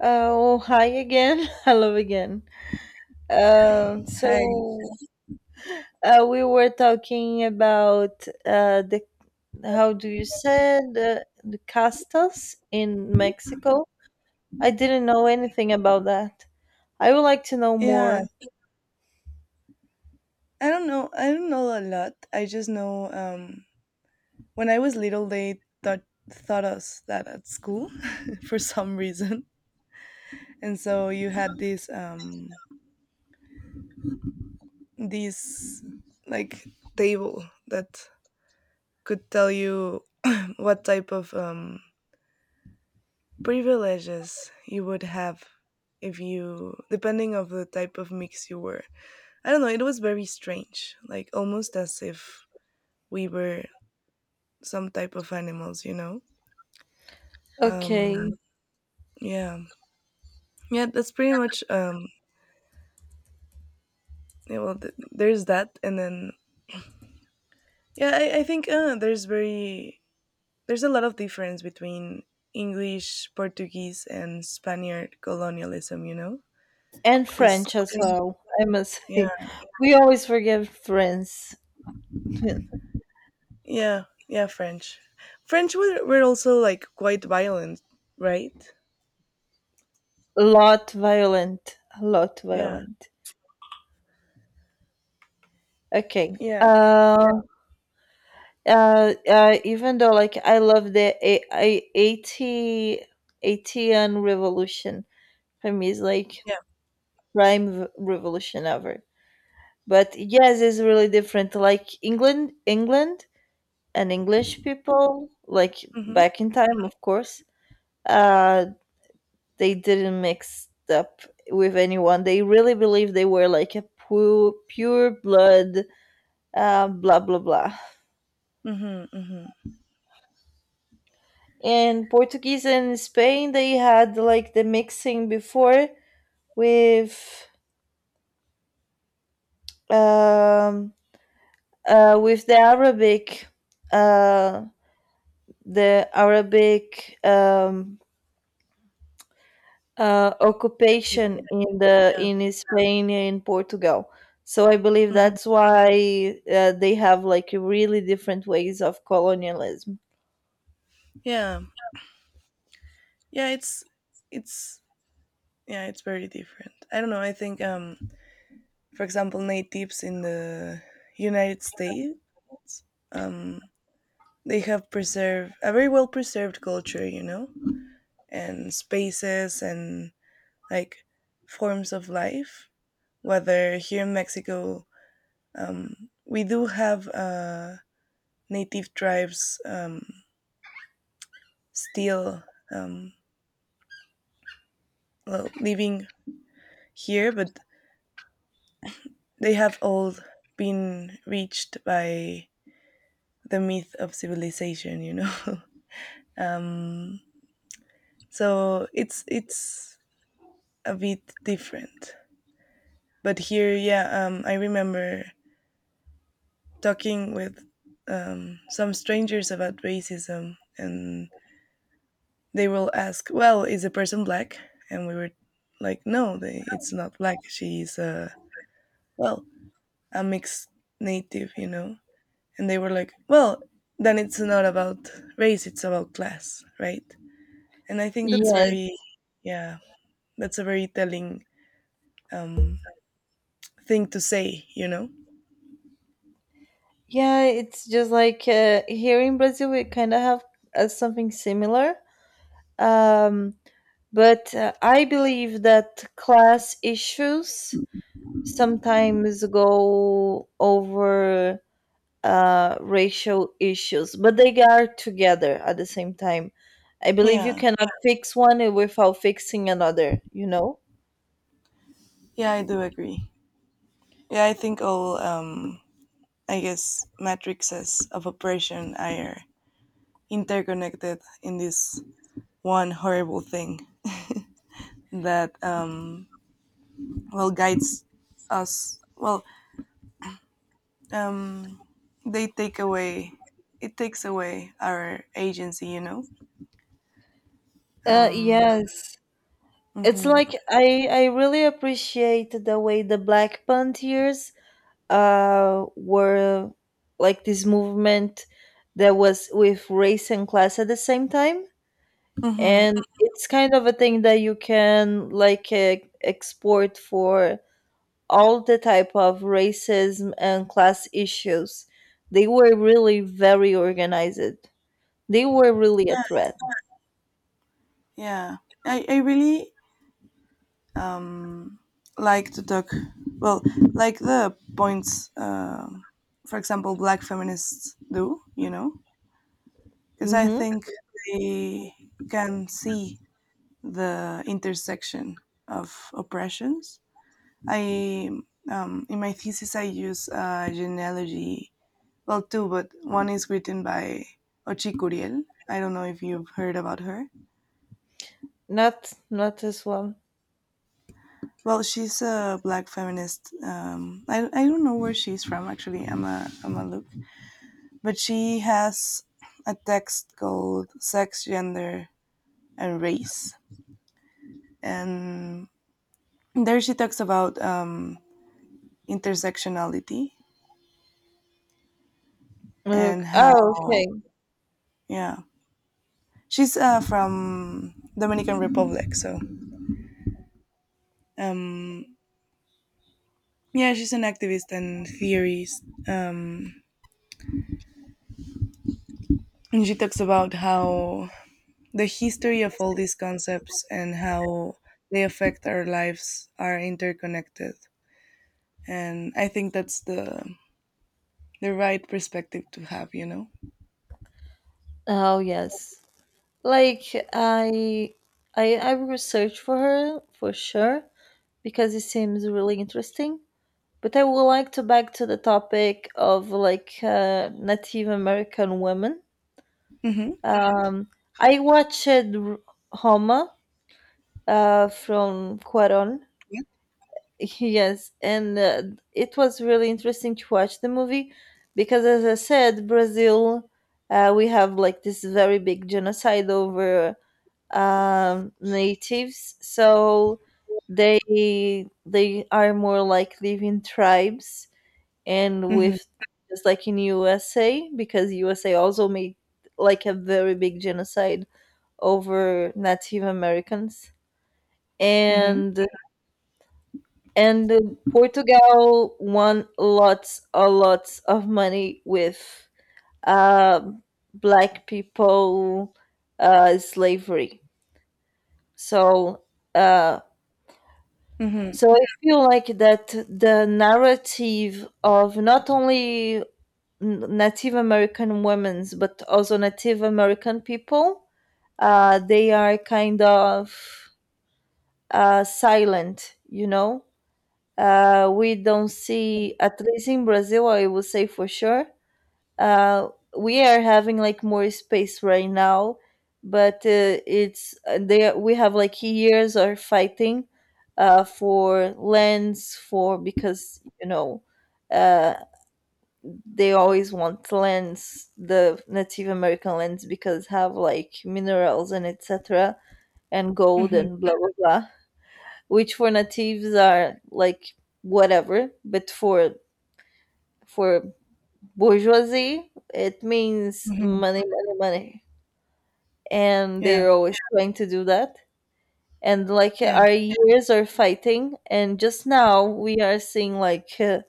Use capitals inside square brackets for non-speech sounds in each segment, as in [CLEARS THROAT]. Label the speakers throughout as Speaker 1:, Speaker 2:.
Speaker 1: Oh, hi again. [LAUGHS] Hello again. Uh,
Speaker 2: Hi.
Speaker 1: so we were talking about the how do you say the castas in Mexico? I didn't know anything about that. I would like to know
Speaker 2: Yeah,
Speaker 1: more.
Speaker 2: I don't know. I don't know a lot. I just know, when I was little, they thought thought us that at school [LAUGHS] for some reason, and so you had this like table that could tell you what type of privileges you would have if you depending of the type of mix you were. I don't know. It was very strange, like almost as if we were some type of animals, you know.
Speaker 1: Okay,
Speaker 2: Um, yeah. Yeah, that's pretty much, yeah, well, there's that. And then, yeah, I think there's a lot of difference between English, Portuguese, and Spaniard colonialism, you know?
Speaker 1: and
Speaker 2: Because,
Speaker 1: French as well. I must
Speaker 2: yeah,
Speaker 1: say, [LAUGHS] we always forget French. [LAUGHS]
Speaker 2: yeah, yeah, French. French were also like quite violent, right?
Speaker 1: Lot violent. A lot
Speaker 2: Yeah,
Speaker 1: violent. Okay.
Speaker 2: yeah,
Speaker 1: Even though like I love the A I a- 80 ATN revolution for me is like
Speaker 2: yeah.
Speaker 1: prime v- revolution ever. But yes, it's really different. Like England and English people, like
Speaker 2: Mm-hmm,
Speaker 1: back in time, of course, uh, they didn't mix up with anyone. They really believed they were like a pure, pure blood, blah blah blah.
Speaker 2: mm-hmm, mm-hmm.
Speaker 1: And Portuguese and Spain they had like the mixing before with um with uh the Arabic occupation
Speaker 2: People,
Speaker 1: in the
Speaker 2: yeah,
Speaker 1: in Spain and Portugal. So I believe
Speaker 2: mm-hmm.
Speaker 1: that's why they have like really different ways of colonialism.
Speaker 2: Yeah, yeah. It's yeah, it's very different. I don't know. I think, for example, natives in the United States, um they have preserved a very well preserved culture, you know, and spaces and like forms of life, whether here in Mexico. um we do have native tribes, still, um well, living here, but they have all been reached by the myth of civilization, you know. [LAUGHS] um so it's a bit different, but here, yeah. I remember talking with some strangers about racism, and they will ask, well, is the person black? And we were like, no, it's not black, she's a, well, a mixed native, you know. And they were like, well, then it's not about race, it's about class, right? And I think that's
Speaker 1: Yes.
Speaker 2: very, yeah. That's a very telling, um, thing to say, you know?
Speaker 1: Yeah, it's just like here in Brazil we kind of have something similar. Um, But I believe that class issues sometimes go over racial issues, but they are together at the same time. I believe you
Speaker 2: Yeah,
Speaker 1: cannot fix one without fixing another, you know?
Speaker 2: yeah, I do agree. Yeah, I think all, I guess, matrices of oppression are interconnected in this one horrible thing that, well, guides us. Well, um, they take away, it takes away our agency, you know? Um,
Speaker 1: Yes. It's like
Speaker 2: hmm.
Speaker 1: I really appreciate the way the Black Panthers were like this movement that was with race and class at the same time.
Speaker 2: Hmm.
Speaker 1: And it's kind of a thing that you can like e- export for all the type of racism and class issues. They were really very organized, they were really a threat.
Speaker 2: Yeah. I really, um, like to talk, well, like the points, for example, black feminists do, you know, because I
Speaker 1: Mm-hmm.
Speaker 2: think they can see the intersection of oppressions. I, in my thesis, I use a genealogy, well, two, but one is written by Ochi Curiel. I don't know if you've heard about her.
Speaker 1: Not not this one.
Speaker 2: Well, she's a black feminist. I don't know where she's from actually. I'm a look, but she has a text called "Sex, Gender, and Race," and there she talks about, intersectionality, and
Speaker 1: Look, oh
Speaker 2: how,
Speaker 1: okay.
Speaker 2: yeah, she's from Dominican Republic. So, um, yeah, she's an activist and theorist, and she talks about how the history of all these concepts and how they affect our lives are interconnected. And I think that's the right perspective to have, you know?
Speaker 1: Oh yes, like i I will search for her for sure because it seems really interesting. But I would like to back to the topic of like Native American women.
Speaker 2: Mm-hmm.
Speaker 1: Um, I watched Roma, from Cuaron.
Speaker 2: Yeah.
Speaker 1: [LAUGHS] Yes, and it was really interesting to watch the movie because, as I said, Brazil, we have like this very big genocide over natives. So they they are more like living tribes and
Speaker 2: Mm-hmm.
Speaker 1: with just like in USA because USA also made like a very big genocide over Native Americans
Speaker 2: Mm-hmm.
Speaker 1: and and Portugal won lots a lots of money with uh, black people slavery, so uh,
Speaker 2: Mm-hmm.
Speaker 1: so I feel like that the narrative of not only Native American women's, but also Native American people, they are kind of silent, you know. We don't see, at least in Brazil, I would say for sure, uh, we are having like more space right now, but it's they we have like years of fighting for lands for because you know uh, they always want lands, the Native American lands, because have like minerals and etc. and gold
Speaker 2: Mm-hmm.
Speaker 1: and blah blah blah, which for natives are like whatever, but for bourgeoisie it means
Speaker 2: Hmm.
Speaker 1: money, money, money, and
Speaker 2: Yeah.
Speaker 1: they're always trying to do that. And like
Speaker 2: Yeah.
Speaker 1: our years are fighting, and just now we are seeing like uh,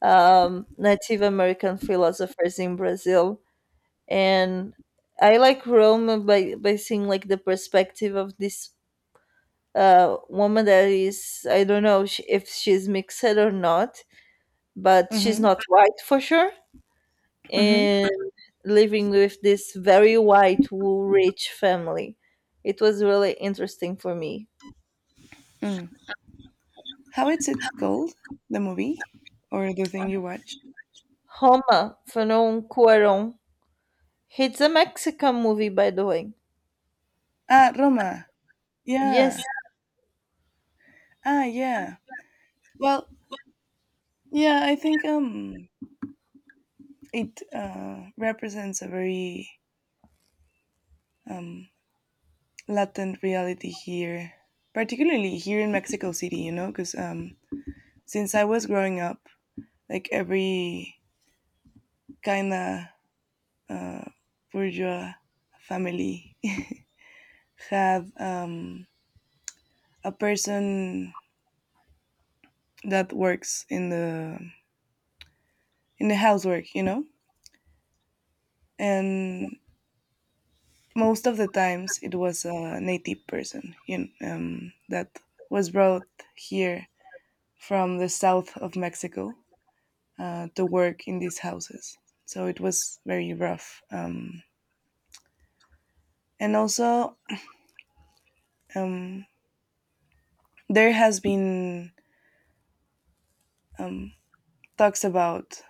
Speaker 1: um, Native American philosophers in Brazil. And I like Rome by seeing like the perspective of this woman that is I don't know if she's mixed or not, but she's
Speaker 2: Mm-hmm.
Speaker 1: not white for sure,
Speaker 2: Mm-hmm.
Speaker 1: and living with this very white rich family. It was really interesting for me.
Speaker 2: Mm. How is it called? The movie? Or the thing you watched?
Speaker 1: Roma, Fernão Cuarón. It's a Mexican movie, by the way.
Speaker 2: Ah, Roma.
Speaker 1: Yes.
Speaker 2: Yeah. Ah, yeah. Well, yeah, I think, it represents a very, um latent reality here, particularly here in Mexico City, you know, because, since I was growing up, like every kind of bourgeois family [LAUGHS] had, a person that works in the housework, you know, and most of the times it was a native person, you know, that was brought here from the south of Mexico, to work in these houses. So it was very rough. And also, um, there has been, um, talks about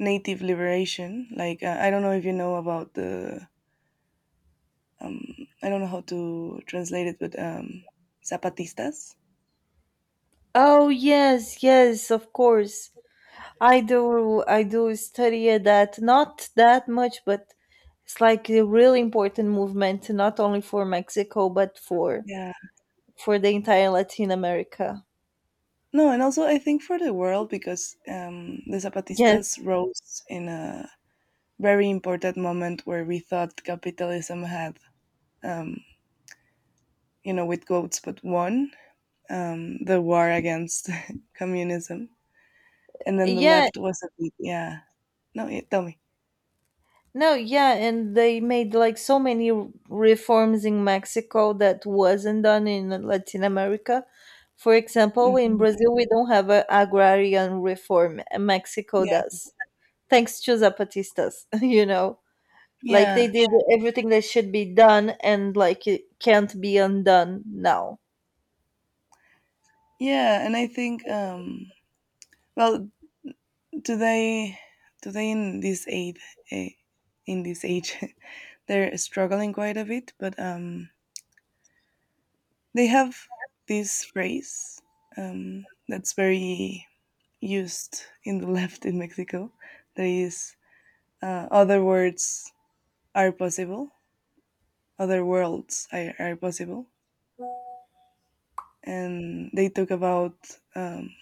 Speaker 2: native liberation. Like, I don't know if you know about the, um, I don't know how to translate it, but, zapatistas.
Speaker 1: Oh, yes, yes, of course. I do study that not that much, but it's like a really important movement, not only for Mexico but for
Speaker 2: Yeah.
Speaker 1: for the entire Latin America.
Speaker 2: No, and also I think for the world because, the
Speaker 1: Yes.
Speaker 2: Zapatistas rose in a very important moment where we thought capitalism had, um, you know, with goats, but won, the war against [LAUGHS] communism. And then the
Speaker 1: Yeah.
Speaker 2: left was a bit, yeah. No, yeah, tell me.
Speaker 1: No, yeah, and they made like so many reforms in Mexico that wasn't done in Latin America. For example, in
Speaker 2: Hmm.
Speaker 1: Brazil we don't have an agrarian reform, and Mexico
Speaker 2: Yeah,
Speaker 1: does. Thanks to Zapatistas, [LAUGHS] you know. Like they
Speaker 2: yeah,
Speaker 1: did everything that should be done and like it can't be undone now.
Speaker 2: yeah. And I think, well, today, today in this aid, eh, in this age, [LAUGHS] they're struggling quite a bit, but, they have this phrase, that's very used in the [LAUGHS] left in Mexico. There is, other words are possible, other worlds are possible, and they talk about, um,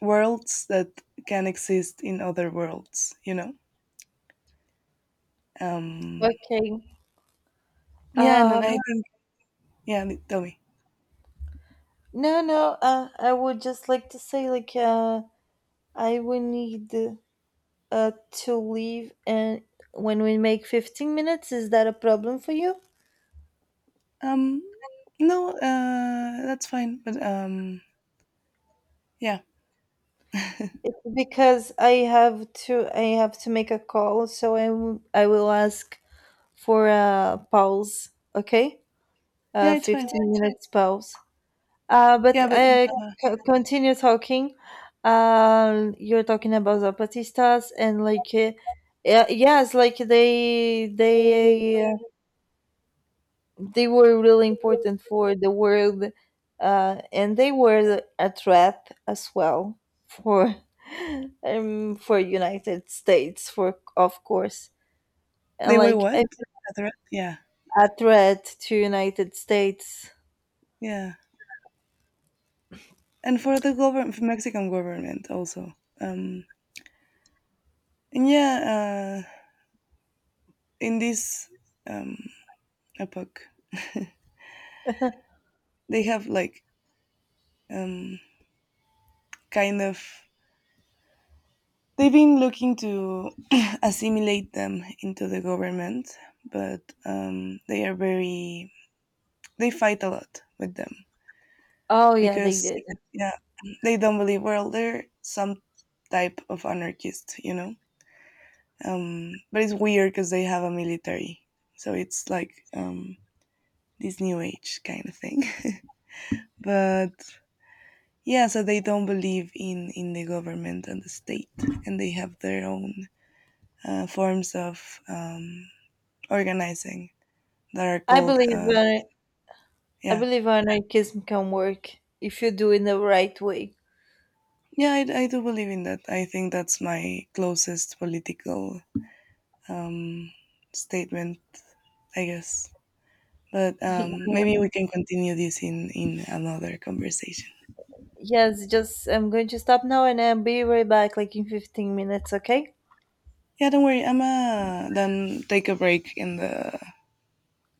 Speaker 2: worlds that can exist in other worlds. You know, um,
Speaker 1: Okay.
Speaker 2: yeah, and then
Speaker 1: Um
Speaker 2: I think, yeah. Tell me,
Speaker 1: no no I would just like to say like I will need uh to leave, and when we make 15 minutes is that a problem for you?
Speaker 2: um, no, that's fine, but, yeah,
Speaker 1: It's because I have to make a call so I will ask for a pause, okay?
Speaker 2: yeah,
Speaker 1: Uh,
Speaker 2: it's fine,
Speaker 1: 15 minutes pause. Uh, but
Speaker 2: yeah, but
Speaker 1: uh,
Speaker 2: uh,
Speaker 1: continue talking. You're talking about Zapatistas and like, yeah, yes, like they were really important for the world, and they were a threat as well for for United States for of course, and
Speaker 2: they were
Speaker 1: like
Speaker 2: what? A threat? Yeah,
Speaker 1: a threat to United States.
Speaker 2: yeah, and for the government, for Mexican government also, um, and yeah, in this. Um, a puck. [LAUGHS] They have like, um, kind of, they've been looking to [CLEARS THROAT] assimilate them into the government, but, they are very they fight a lot with them
Speaker 1: Oh yeah, they
Speaker 2: because,
Speaker 1: did.
Speaker 2: yeah, they don't believe, well, they're some type of anarchist, you know. But it's weird because they have a military, so it's like, this new age kind of thing. [LAUGHS] But yeah, so they don't believe in the government and the state, and they have their own, forms of, organizing that are
Speaker 1: I
Speaker 2: called.
Speaker 1: believe uh, I
Speaker 2: Yeah,
Speaker 1: believe anarchism can work if you do it the right way.
Speaker 2: yeah, I do believe in that. I think that's my closest political, um, statement, I guess. But,
Speaker 1: [LAUGHS] Yeah.
Speaker 2: maybe we can continue this in another conversation.
Speaker 1: Yes, just I'm going to stop now and I'll be right back like in 15 minutes, okay?
Speaker 2: Yeah, don't worry. I'm then take a break in the.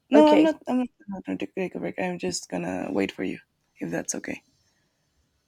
Speaker 2: No, I'm
Speaker 1: Okay.
Speaker 2: not. I'm not gonna take a break. I'm just gonna wait for you if that's okay.